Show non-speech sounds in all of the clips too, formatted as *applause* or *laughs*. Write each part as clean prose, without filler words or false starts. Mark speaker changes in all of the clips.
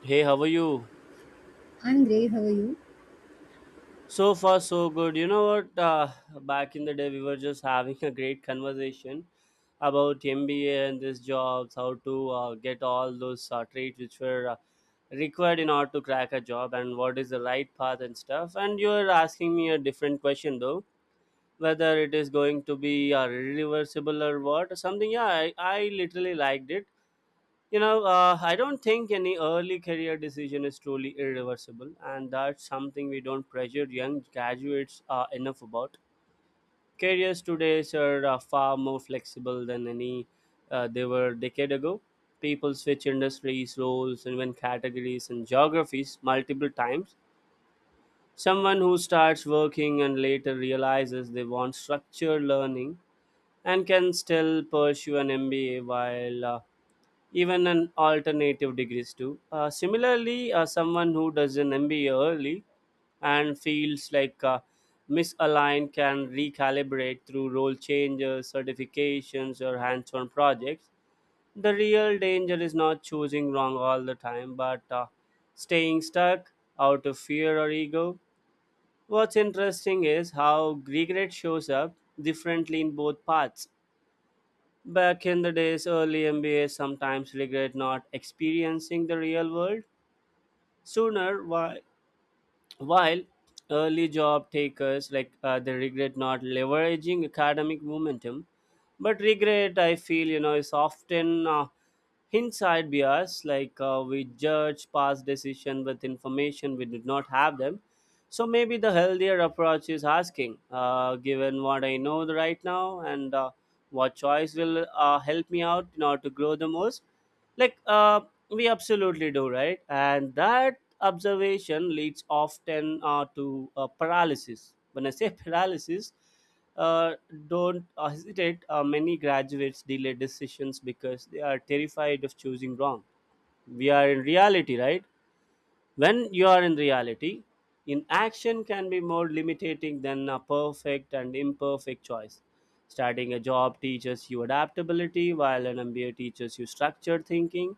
Speaker 1: Hey, how are you?
Speaker 2: I'm great. How are you?
Speaker 1: So far, so good. You know what? Back in the day, we were just having a great conversation about MBA and these jobs, how to get all those traits which were required in order to crack a job, and what is the right path and stuff. And you're asking me a different question though, whether it is going to be reversible or what or something. Yeah, I literally liked it. I don't think any early career decision is truly irreversible, and that's something we don't pressure young graduates enough about. Careers today are far more flexible than any they were a decade ago. People switch industries, roles, and even categories and geographies multiple times. Someone who starts working and later realizes they want structured learning and can still pursue an MBA while even an alternative degrees too. Similarly, someone who does an MBA early and feels like misaligned can recalibrate through role changes, certifications, or hands-on projects. The real danger is not choosing wrong all the time, but staying stuck out of fear or ego. What's interesting is how regret shows up differently in both paths. Back in the days, early MBA sometimes regret not experiencing the real world sooner. Why? While early job takers, like, they regret not leveraging academic momentum, but regret, I feel, you know, is often hindsight bias, like, we judge past decision with information we did not have them. So maybe the healthier approach is asking, given what I know right now, and what choice will help me out in order to grow the most, like, we absolutely do, right? And that observation leads often to paralysis. When I say *laughs* paralysis, uh, don't hesitate. Many graduates delay decisions because they are terrified of choosing wrong. We are in reality, right? When you are in reality, inaction can be more limiting than a perfect and imperfect choice. Starting a job teaches you adaptability, while an MBA teaches you structured thinking.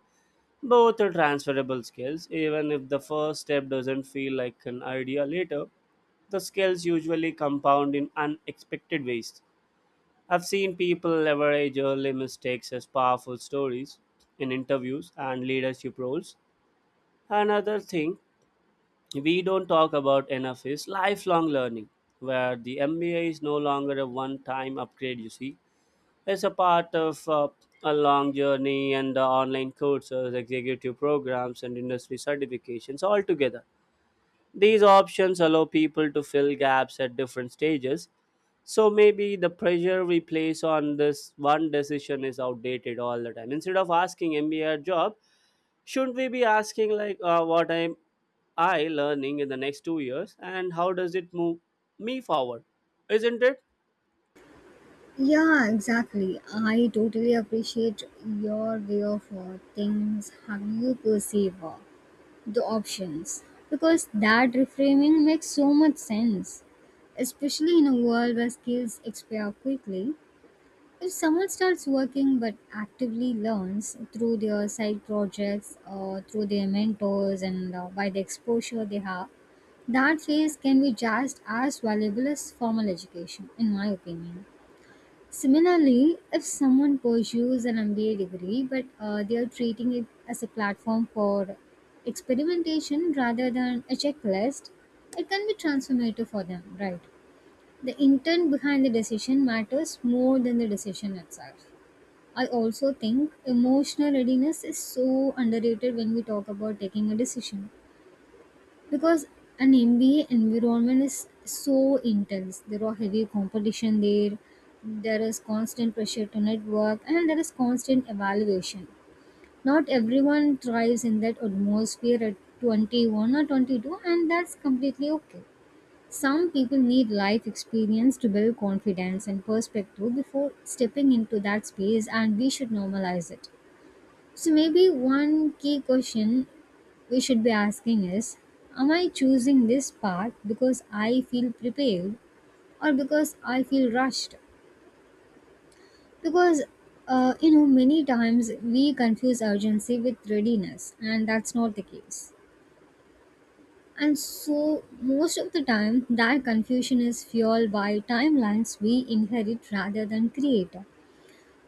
Speaker 1: Both are transferable skills, even if the first step doesn't feel like an idea later. The skills usually compound in unexpected ways. I've seen people leverage early mistakes as powerful stories in interviews and leadership roles. Another thing we don't talk about enough is lifelong learning, where the MBA is no longer a one time upgrade, you see. It's a part of a long journey, and online courses, executive programs, and industry certifications altogether. These options allow people to fill gaps at different stages. So maybe the pressure we place on this one decision is outdated all the time. Instead of asking MBA job, shouldn't we be asking, like, what am I learning in the next 2 years and how does it move me forward? Isn't it?
Speaker 2: Yeah, exactly. I totally appreciate your way of things, how you perceive the options, because that reframing makes so much sense, especially in a world where skills expire quickly. If someone starts working but actively learns through their side projects or through their mentors and by the exposure they have, that phase can be just as valuable as formal education, in my opinion. Similarly, if someone pursues an MBA degree but they are treating it as a platform for experimentation rather than a checklist, it can be transformative for them, right? The intent behind the decision matters more than the decision itself. I also think emotional readiness is so underrated when we talk about taking a decision because an MBA environment is so intense. There are heavy competition there. There is constant pressure to network, and there is constant evaluation. Not everyone thrives in that atmosphere at 21 or 22, and that's completely okay. Some people need life experience to build confidence and perspective before stepping into that space, and we should normalize it. So, maybe one key question we should be asking is, am I choosing this path because I feel prepared or because I feel rushed? Because, you know, many times we confuse urgency with readiness, and that's not the case. And so, most of the time, that confusion is fueled by timelines we inherit rather than create.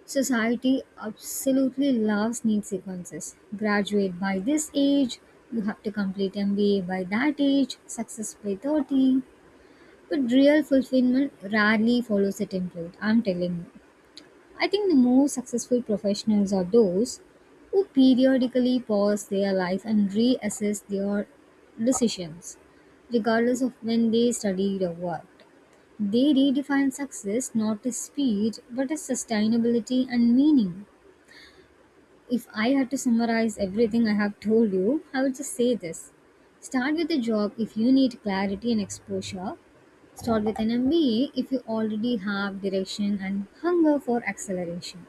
Speaker 2: Society absolutely loves neat sequences. Graduate by this age, you have to complete MBA by that age, success by 30. But real fulfillment rarely follows the template, I'm telling you. I think the most successful professionals are those who periodically pause their life and reassess their decisions, regardless of when they studied or worked. They redefine success not as speed but as sustainability and meaning. If I had to summarize everything I have told you, I would just say this. Start with a job if you need clarity and exposure. Start with an MBA if you already have direction and hunger for acceleration.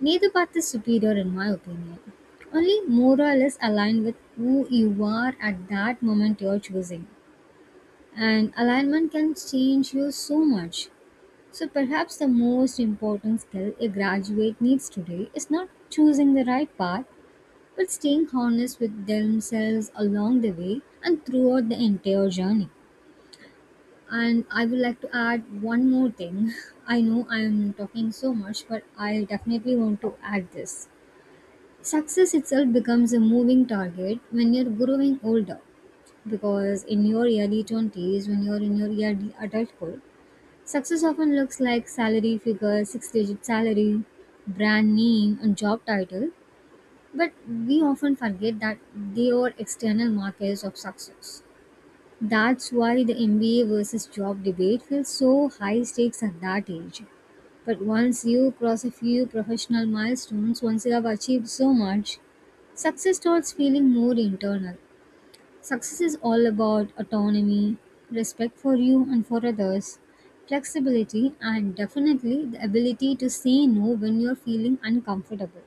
Speaker 2: Neither path is superior, in my opinion. Only more or less aligned with who you are at that moment you're choosing. And alignment can change you so much. So, perhaps the most important skill a graduate needs today is not choosing the right path but staying honest with themselves along the way and throughout the entire journey. And I would like to add one more thing. *laughs* I know I'm talking so much, but I definitely want to add this. Success itself becomes a moving target when you're growing older. Because in your early 20s, when you're in your early adulthood, success often looks like salary figure, six digit salary, brand name, and job title, but we often forget that they are external markers of success. That's why the MBA versus job debate feels so high stakes at that age. But once you cross a few professional milestones, once you have achieved so much, success starts feeling more internal. Success is all about autonomy, respect for you and for others, flexibility, and definitely the ability to say no when you're feeling uncomfortable.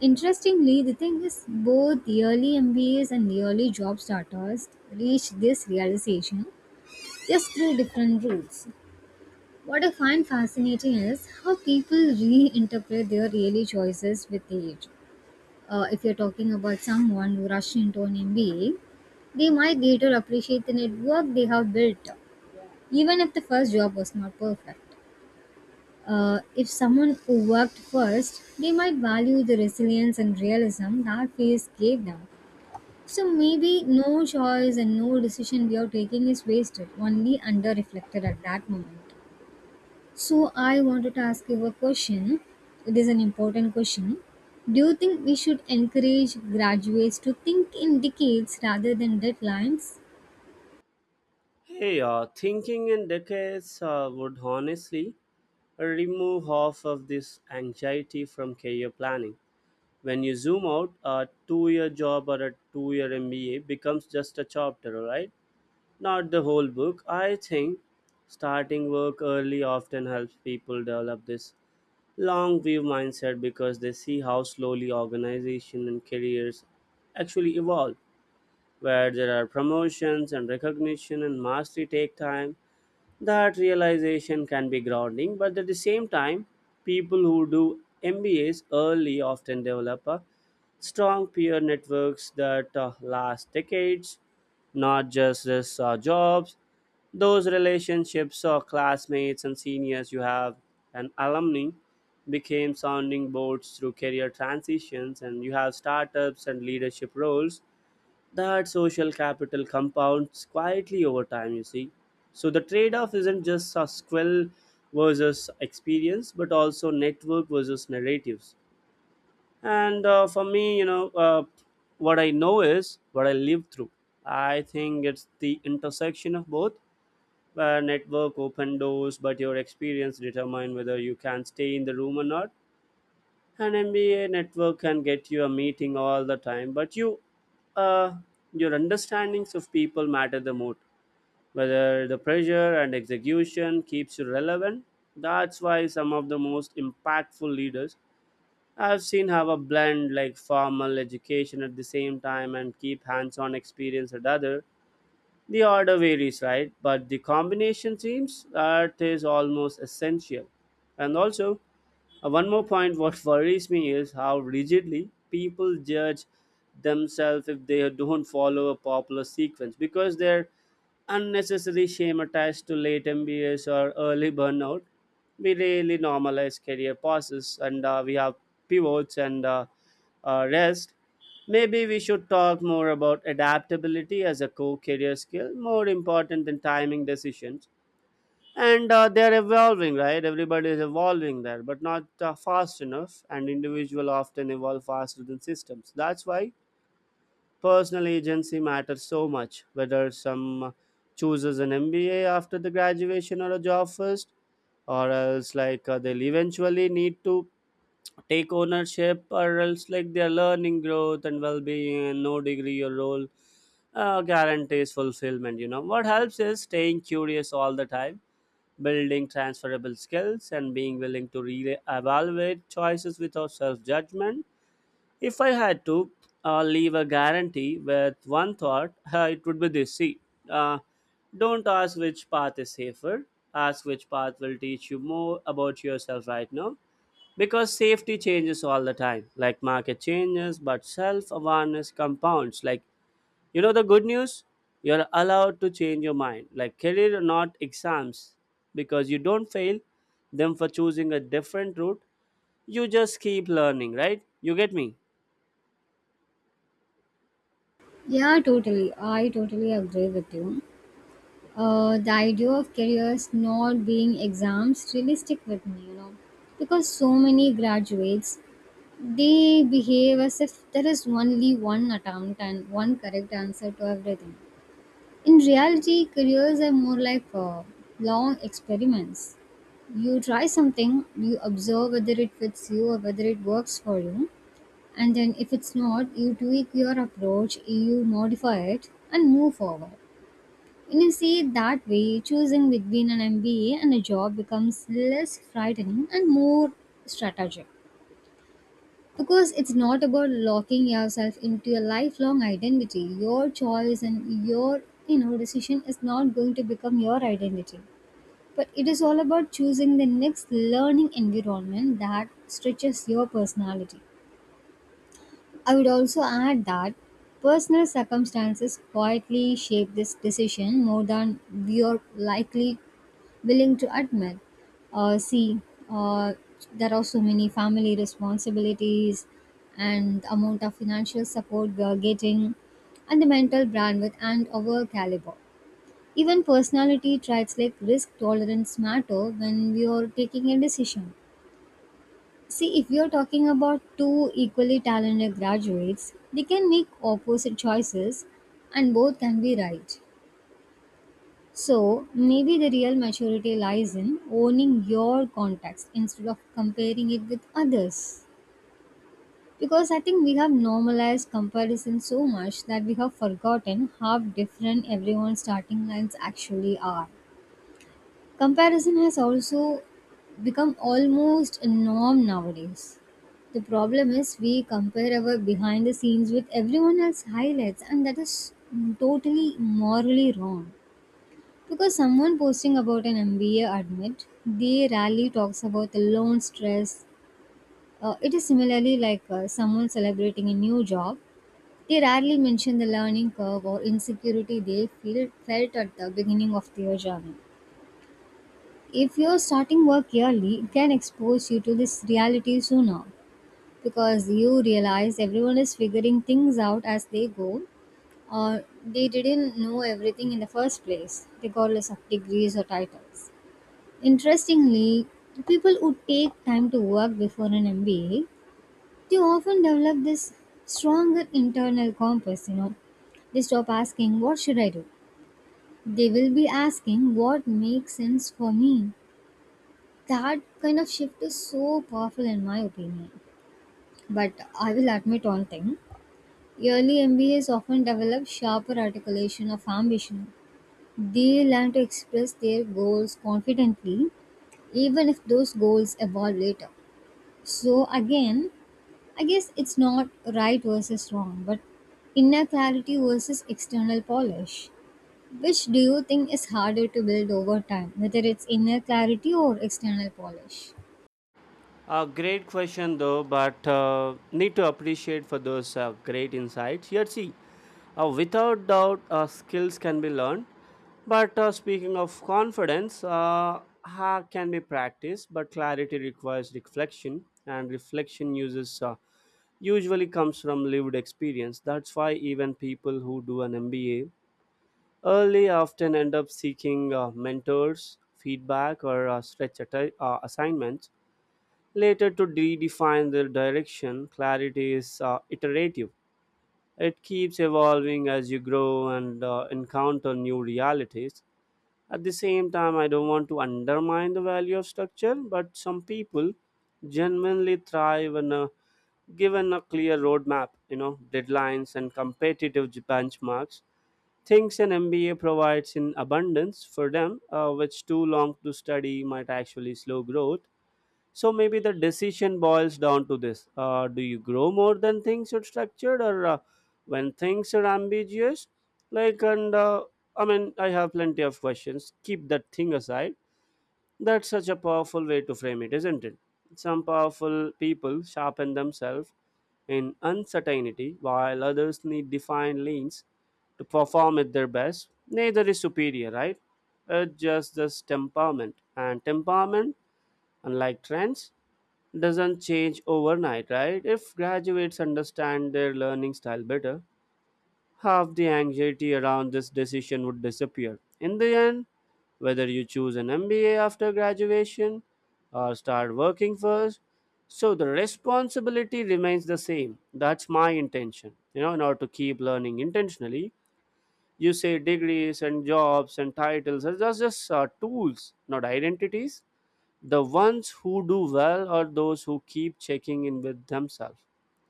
Speaker 2: Interestingly, the thing is, both yearly MBAs and yearly job starters reach this realization just through different routes. What I find fascinating is how people reinterpret their yearly choices with age. If you're talking about someone who rushed into an MBA, they might later appreciate the network they have built, even if the first job was not perfect. If someone who worked first, they might value the resilience and realism that phase gave them. So maybe no choice and no decision we are taking is wasted, only under reflected at that moment. So I wanted to ask you a question. It is an important question. Do you think we should encourage graduates to think in decades rather than deadlines?
Speaker 1: Hey, thinking in decades would honestly remove half of this anxiety from career planning. When you zoom out, a 2 year job or a 2 year MBA becomes just a chapter, right? Not the whole book. I think starting work early often helps people develop this long view mindset, because they see how slowly organization and careers actually evolve, where there are promotions and recognition and mastery take time. That realization can be grounding, but at the same time, people who do MBAs early often develop a strong peer networks that last decades, not just this jobs. Those relationships or classmates and seniors you have and alumni became sounding boards through career transitions, and you have startups and leadership roles. That social capital compounds quietly over time, you see. So the trade off isn't just a skill versus experience, but also network versus narratives. And for me, you know, what I know is what I live through. I think it's the intersection of both, where network open doors but your experience determine whether you can stay in the room or not. An MBA network can get you a meeting all the time, but you, uh, your understandings of people matter the most. Whether the pressure and execution keeps you relevant, that's why some of the most impactful leaders I've seen have a blend, like formal education at the same time and keep hands-on experience at other. The order varies, right? But the combination seems that is almost essential. And also, one more point, what *laughs* worries me is how rigidly people judge themselves if they don't follow a popular sequence, because their unnecessary shame attached to late MBAs or early burnout. We really normalize career pauses, and we have pivots, and rest. Maybe we should talk more about adaptability as a core career skill, more important than timing decisions. And they are evolving, right? Everybody is evolving there, but not fast enough. And individual often evolve faster than systems. That's why personal agency matters so much. Whether some chooses an MBA after the graduation or a job first, or else, like, they'll eventually need to take ownership, or else, like, their learning growth and well-being, and no degree or role guarantees fulfillment. You know what helps is staying curious all the time, building transferable skills and being willing to re-evaluate choices without self-judgment. If I had to leave a guarantee with one thought, *laughs* it would be this. See, uh, don't ask which path is safer. Ask which path will teach you more about yourself right now, because safety changes all the time, like market changes, but self-awareness compounds. Like, you know the good news? You're allowed to change your mind, like career or not exams, because you don't fail them for choosing a different route. You just keep learning, right? You get me?
Speaker 2: Yeah, totally. I totally agree with you. The idea of careers not being exams really stick with me, you know, because so many graduates, they behave as if there is only one attempt and one correct answer to everything. In reality, careers are more like long experiments. You try something, you observe whether it fits you or whether it works for you, and then if it's not, you tweak your approach, you modify it, and move forward. When you see it that way, choosing between an MBA and a job becomes less frightening and more strategic. Because it's not about locking yourself into a lifelong identity. Your choice and your decision is not going to become your identity. But it is all about choosing the next learning environment that stretches your personality. I would also add that personal circumstances quietly shape this decision more than we are likely willing to admit. Uh, see, uh, there are so many family responsibilities and the amount of financial support we are getting, and the mental bandwidth and our caliber. Even personality traits like risk tolerance matter when we are taking a decision. See, if we are talking about two equally talented graduates, they can make opposite choices and both can be right. So, maybe the real maturity lies in owning your context instead of comparing it with others. Because I think we have normalized comparison so much that we have forgotten how different everyone's starting lines actually are. Comparison has also become almost a norm nowadays. The problem is we compare our behind the scenes with everyone else's highlights, and that is totally morally wrong. Because someone posting about an MBA admit, they rarely talks about the loan stress. It is similarly like someone celebrating a new job. They rarely mention the learning curve or insecurity they feel felt at the beginning of their journey. If you're starting work early, it can expose you to this reality sooner because you realize everyone is figuring things out as they go or they didn't know everything in the first place, regardless of degrees or titles. Interestingly, people who take time to work before an MBA, they often develop this stronger internal compass, you know. They stop asking, what should I do? They will be asking, what makes sense for me? That kind of shift is so powerful, in my opinion. But I will admit one thing, early MBAs often develop sharper articulation of ambition. They learn to express their goals confidently, even if those goals evolve later. So again, I guess it's not right versus wrong, but inner clarity versus external polish. Which do you think is harder to build over time, whether it's inner clarity or external polish?
Speaker 1: A great question though, but need to appreciate for those great insights. Here, see, without doubt, skills can be learned. But speaking of confidence, ha can be practiced, but clarity requires reflection, and reflection uses usually comes from lived experience. That's why even people who do an MBA early often end up seeking mentors, feedback, or stretch assignments later to redefine their direction. Clarity is iterative. It keeps evolving as you grow and encounter new realities. At the same time, I don't want to undermine the value of structure, but some people genuinely thrive when given a clear roadmap, you know, deadlines and competitive benchmarks. Things an MBA provides in abundance for them, which too long to study might actually slow growth. So maybe the decision boils down to this: Do you grow more than things are structured, or when things are ambiguous? Like, and I mean, I have plenty of questions. Keep that thing aside. That's such a powerful way to frame it, isn't it? Some powerful people sharpen themselves in uncertainty, while others need defined lanes to perform at their best. Neither is superior, right? It's just this temperament. And temperament, unlike trends, doesn't change overnight, right? If graduates understand their learning style better, half the anxiety around this decision would disappear. In the end, whether you choose an MBA after graduation or start working first, so the responsibility remains the same. That's my intention. In order to keep learning intentionally, you say degrees and jobs and titles are just tools, not identities. The ones who do well are those who keep checking in with themselves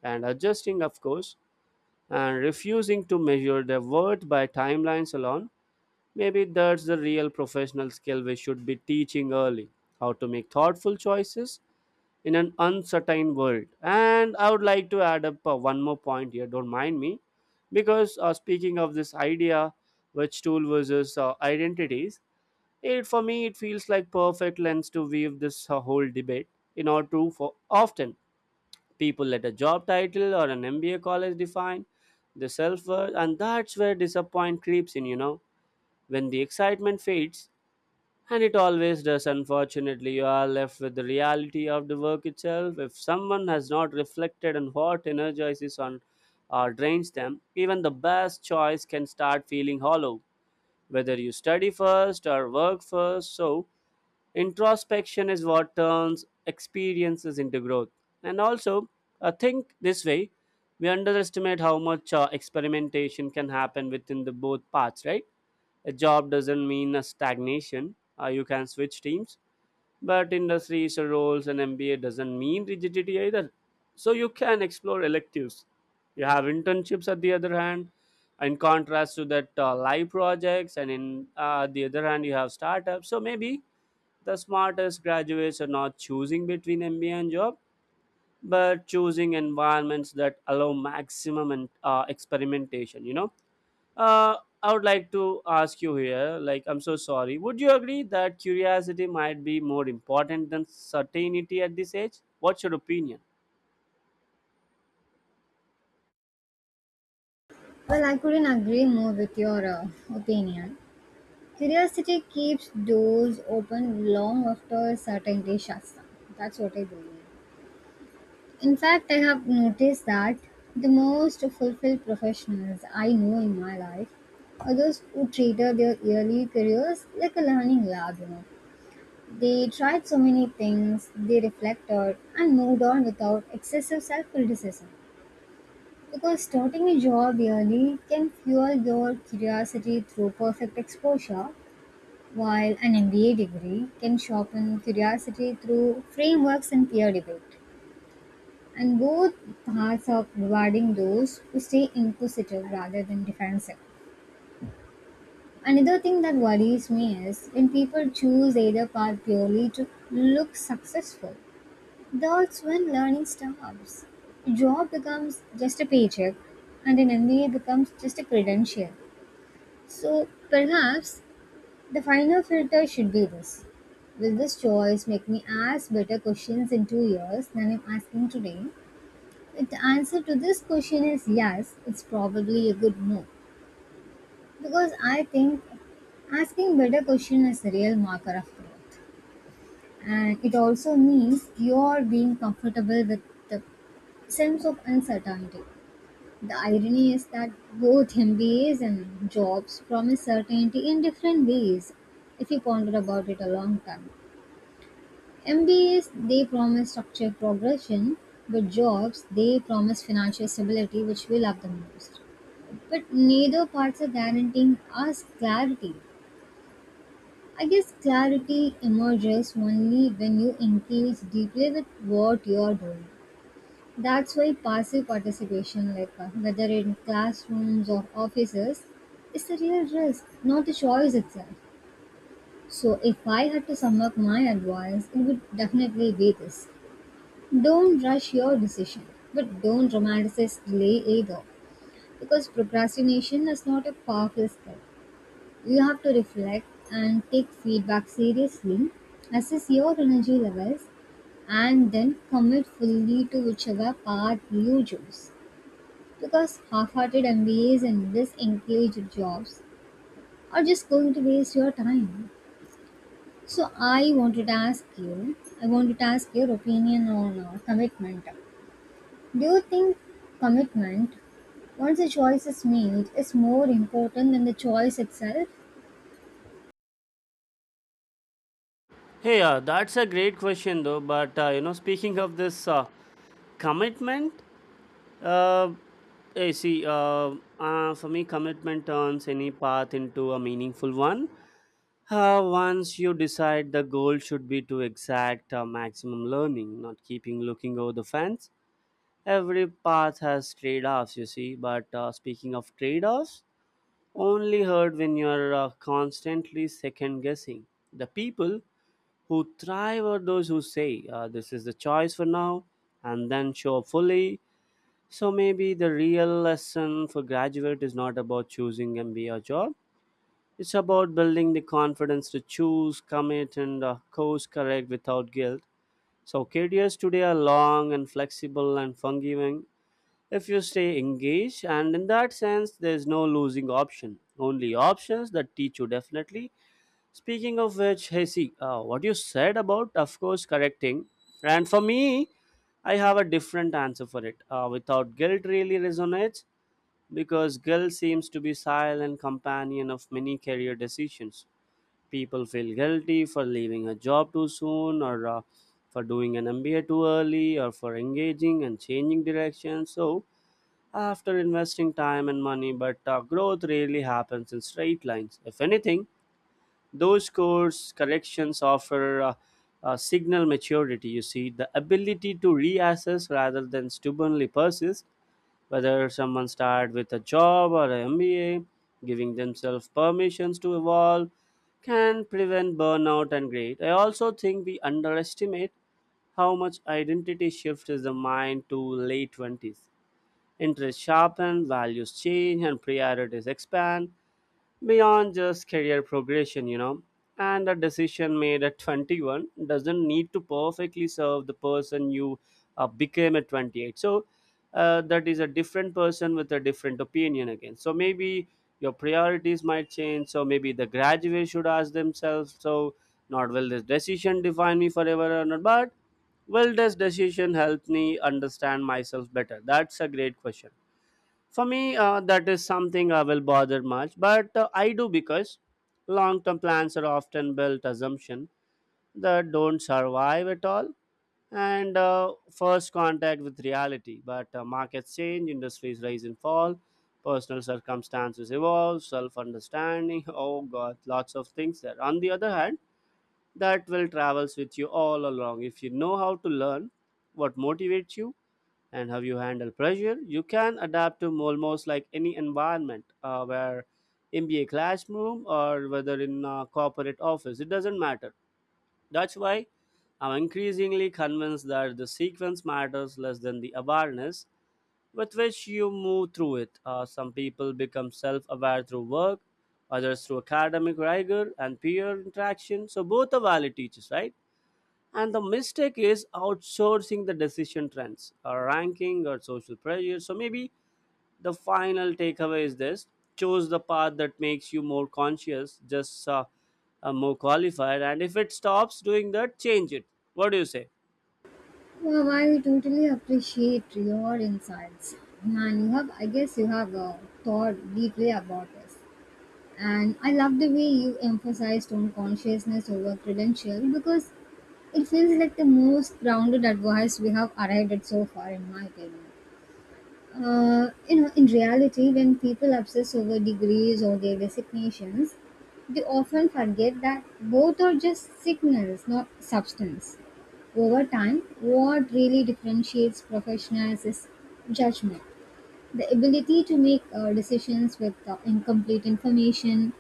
Speaker 1: and adjusting, of course, and refusing to measure their worth by timelines alone. Maybe that's the real professional skill we should be teaching early: how to make thoughtful choices in an uncertain world. And I would like to add up one more point here, don't mind me, because speaking of this idea, which tool versus identities, it for me, it feels like perfect lens to weave this whole debate. In our true for often people let a job title or an MBA college define the self worth, and that's where disappointment creeps in. You know, when the excitement fades, and it always does. Unfortunately, you are left with the reality of the work itself. If someone has not reflected on what energizes on or drains them, even the best choice can start feeling hollow. Whether you study first or work first, so introspection is what turns experiences into growth. And also, I think this way, we underestimate how much experimentation can happen within the both paths, right? A job doesn't mean a stagnation. You can switch teams, but industries or roles and MBA doesn't mean rigidity either. So you can explore electives. You have internships at the other hand, in contrast to that live projects, and in the other hand you have startups. So maybe the smartest graduates are not choosing between MBA and job, but choosing environments that allow maximum and experimentation. Uh, I would like to ask you here. Like, I'm so sorry. Would you agree that curiosity might be more important than certainty at this age? What's your opinion?
Speaker 2: Well, I couldn't agree more with your opinion. Curiosity keeps doors open long after certainty shuts them. That's what I believe. In fact, I have noticed that the most fulfilled professionals I know in my life are those who treated their early careers like a learning lab, you know. They tried so many things, they reflected, and moved on without excessive self criticism. Because starting a job early can fuel your curiosity through perfect exposure, while an MBA degree can sharpen curiosity through frameworks and peer debate. And both paths of rewarding those who stay inquisitive rather than defensive. Another thing that worries me is when people choose either path purely to look successful, that's when learning stops. Job becomes just a paycheck and an MBA becomes just a credential. So perhaps the final filter should be this. Will this choice make me ask better questions in two years than I'm asking today? The answer to this question is yes, it's probably a good move because I think asking better question is a real marker of growth. And it also means you're being comfortable with the sense of uncertainty. The irony is that both MBAs and jobs promise certainty in different ways if you ponder about it a long time. MBAs, they promise structured progression, but jobs, they promise financial stability which we love the most. But neither parts are guaranteeing us clarity. I guess clarity emerges only when you engage deeply with what you are doing. That's why passive participation, like whether in classrooms or offices, is a real risk, not the choice itself. So, if I had to sum up my advice, it would definitely be this: don't rush your decision, but don't romanticize delay either, because procrastination is not a powerful skill. You have to reflect and take feedback seriously, assess your energy levels, and then commit fully to whichever path you choose. Because half hearted MBAs and disengaged jobs are just going to waste your time. So, I wanted to ask you, I wanted to ask your opinion on commitment. Do you think commitment, once a choice is made, is more important than the choice itself?
Speaker 1: Hey, that's a great question though. But you know, speaking of this commitment, uh, see, for me, commitment turns any path into a meaningful one. Once you decide, the goal should be to exact maximum learning, not keeping looking over the fence. Every path has trade offs, you see. But speaking of trade offs, only heard when you're constantly second guessing. The people who thrive are those who say, this is the choice for now, and then show up fully. So maybe the real lesson for graduate is not about choosing MBA or job, it's about building the confidence to choose, commit, and course correct without guilt. So, careers today are long and flexible and forgiving if you stay engaged, and in that sense, there's no losing option, only options that teach you definitely. Speaking of which, hey, see, what you said about, of course, correcting. And for me, I have a different answer for it. Without guilt, really resonates because guilt seems to be silent companion of many career decisions. People feel guilty for leaving a job too soon, or for doing an MBA too early, or for engaging and changing direction. So, after investing time and money, but growth rarely happens in straight lines. If anything, those course corrections offer signal maturity, you see, the ability to reassess rather than stubbornly persist, whether someone start with a job or a MBA. Giving themselves permissions to evolve can prevent burnout and greed. I also think we underestimate how much identity shift is the mind to late 20s. Interests sharpen, values change, and priorities expand beyond just career progression, you know. And a decision made at 21 doesn't need to perfectly serve the person you became at 28. So that is a different person with a different opinion again. So maybe your priorities might change. So maybe the graduate should ask themselves, so not will this decision define me forever or not, but will this decision help me understand myself better? That's a great question. For me, that is something I will bother much, but I do because long-term plans are often built assumption that don't survive at all, and first contact with reality. But markets change, industries rise and fall, personal circumstances evolve, self-understanding. *laughs* Oh God, lots of things there. On the other hand, that will travels with you all along if you know how to learn what motivates you and how you handle pressure. You can adapt to almost like any environment, where MBA classroom or whether in a corporate office, it doesn't matter. That's why I'm increasingly convinced that the sequence matters less than the awareness with which you move through it. Some people become self aware through work, others through academic rigor and peer interaction. So, both are valid teachers, right? And the mistake is outsourcing the decision trends, or ranking, or social pressure. So maybe the final takeaway is this: choose the path that makes you more conscious, just more qualified. And if it stops doing that, change it. What do you say?
Speaker 2: Wow, I totally appreciate your insights. Man, you have, I guess you have thought deeply about this. And I love the way you emphasized on consciousness over credential because it feels like the most grounded advice we have arrived at so far, in my opinion. You know, in reality, when people obsess over degrees or their designations, they often forget that both are just signals, not substance. Over time, what really differentiates professionals is judgment, the ability to make decisions with incomplete information,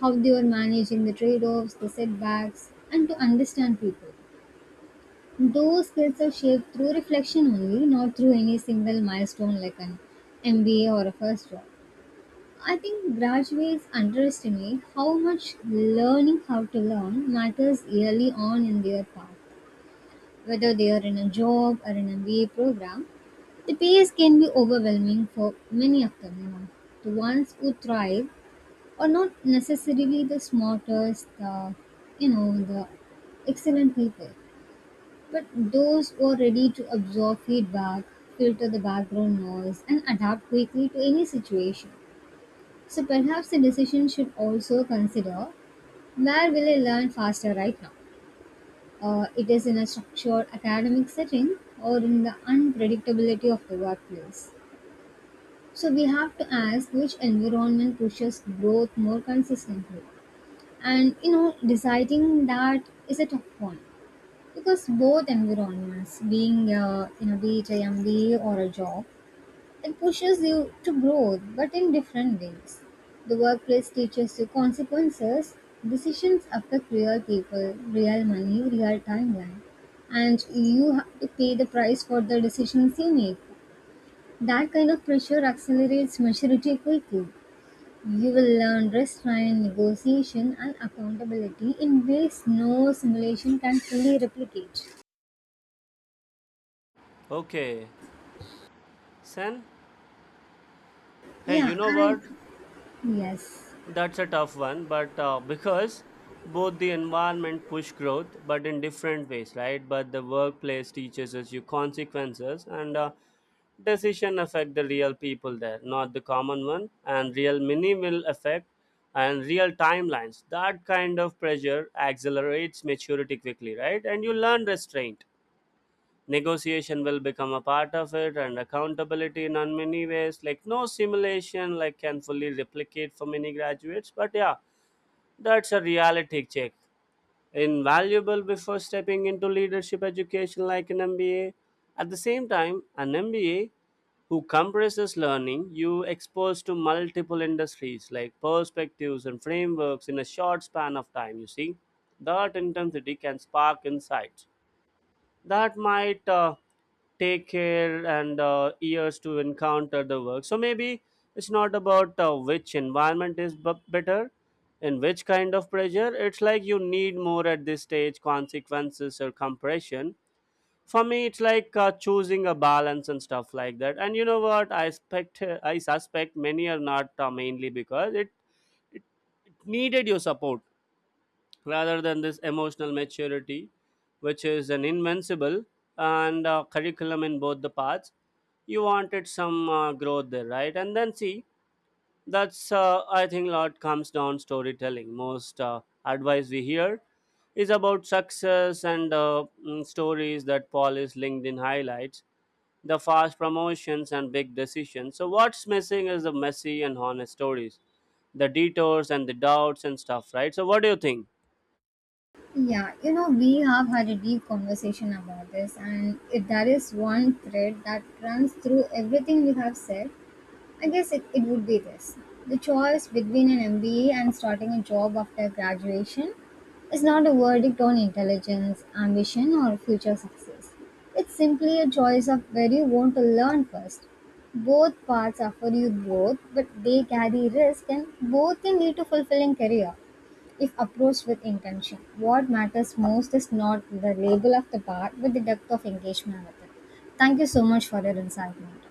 Speaker 2: how they are managing the trade offs, the setbacks, and to understand people. Those skills are shaped through reflection only, not through any single milestone like an MBA or a first job. I think graduates underestimate how much learning how to learn matters early on in their path. Whether they are in a job or in an MBA program, the pace can be overwhelming for many of them. You know. The ones who thrive are not necessarily the smartest, the the excellent people, but those who are ready to absorb feedback, filter the background noise, and adapt quickly to any situation. So perhaps the decision should also consider, where will I learn faster right now? It is in a structured academic setting or in the unpredictability of the workplace? So we have to ask which environment pushes growth more consistently. And you know, deciding that is a tough one because both environments, being be it a MBA or a job, it pushes you to growth, but in different ways. The workplace teaches you consequences, decisions affect real people, real money, real timeline, and you have to pay the price for the decisions you make. That kind of pressure accelerates maturity quickly. You will learn restraint, negotiation, and accountability in ways no simulation can fully replicate.
Speaker 1: Okay, Sen, hey, you
Speaker 2: Yeah,
Speaker 1: know what?
Speaker 2: and yes.
Speaker 1: That's a tough one, but because both the environment push growth, but in different ways, right? But the workplace teaches us your consequences and decision affect the real people there, not the common one, and real minimal effect and real timelines. That kind of pressure accelerates maturity quickly, right? And you learn restraint, negotiation will become a part of it, and accountability in on many ways like no simulation like can fully replicate for many graduates, but yeah, that's a reality check invaluable before stepping into leadership education like an MBA. At the same time, an MBA who compresses learning, you expose to multiple industries like perspectives and frameworks in a short span of time, you see, that intensity can spark insights that might take care and years to encounter the work. So maybe it's not about which environment is better and which kind of pressure. It's like you need more at this stage, consequences or compression. For me, it's like choosing a balance and stuff like that. And you know what? I suspect many are not mainly because it it needed your support rather than this emotional maturity, which is an invincible and curriculum in both the parts. You wanted some growth there, right? And then see, that's I think a lot comes down storytelling. Most advice we hear is about success and stories that polish LinkedIn highlights, the fast promotions and big decisions. So what's missing is the messy and honest stories, the detours and the doubts and stuff, right? So what do you think?
Speaker 2: Yeah, you know, we have had a deep conversation about this, and if there is one thread that runs through everything we have said, I guess it would be this. The choice between an MBA and starting a job after graduation is not a verdict on intelligence, ambition, or future success. It's simply a choice of where you want to learn first. Both paths offer you growth, but they carry risk, and both can lead to fulfilling career. If approached with intention, what matters most is not the label of the bar, but the depth of engagement with it. Thank you so much for your insight, Matt.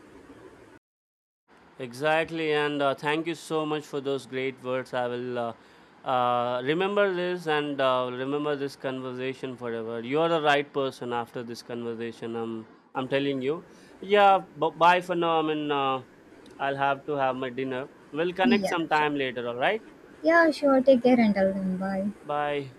Speaker 1: Exactly, and thank you so much for those great words. I will remember this and remember this conversation forever. You are the right person. After this conversation, I'm telling you. Yeah, bye for now. I mean, I'll have to have my dinner. We'll connect
Speaker 2: Yeah, sure.
Speaker 1: sometime later. All right.
Speaker 2: Yeah, sure. Take care and tell them bye.
Speaker 1: Bye.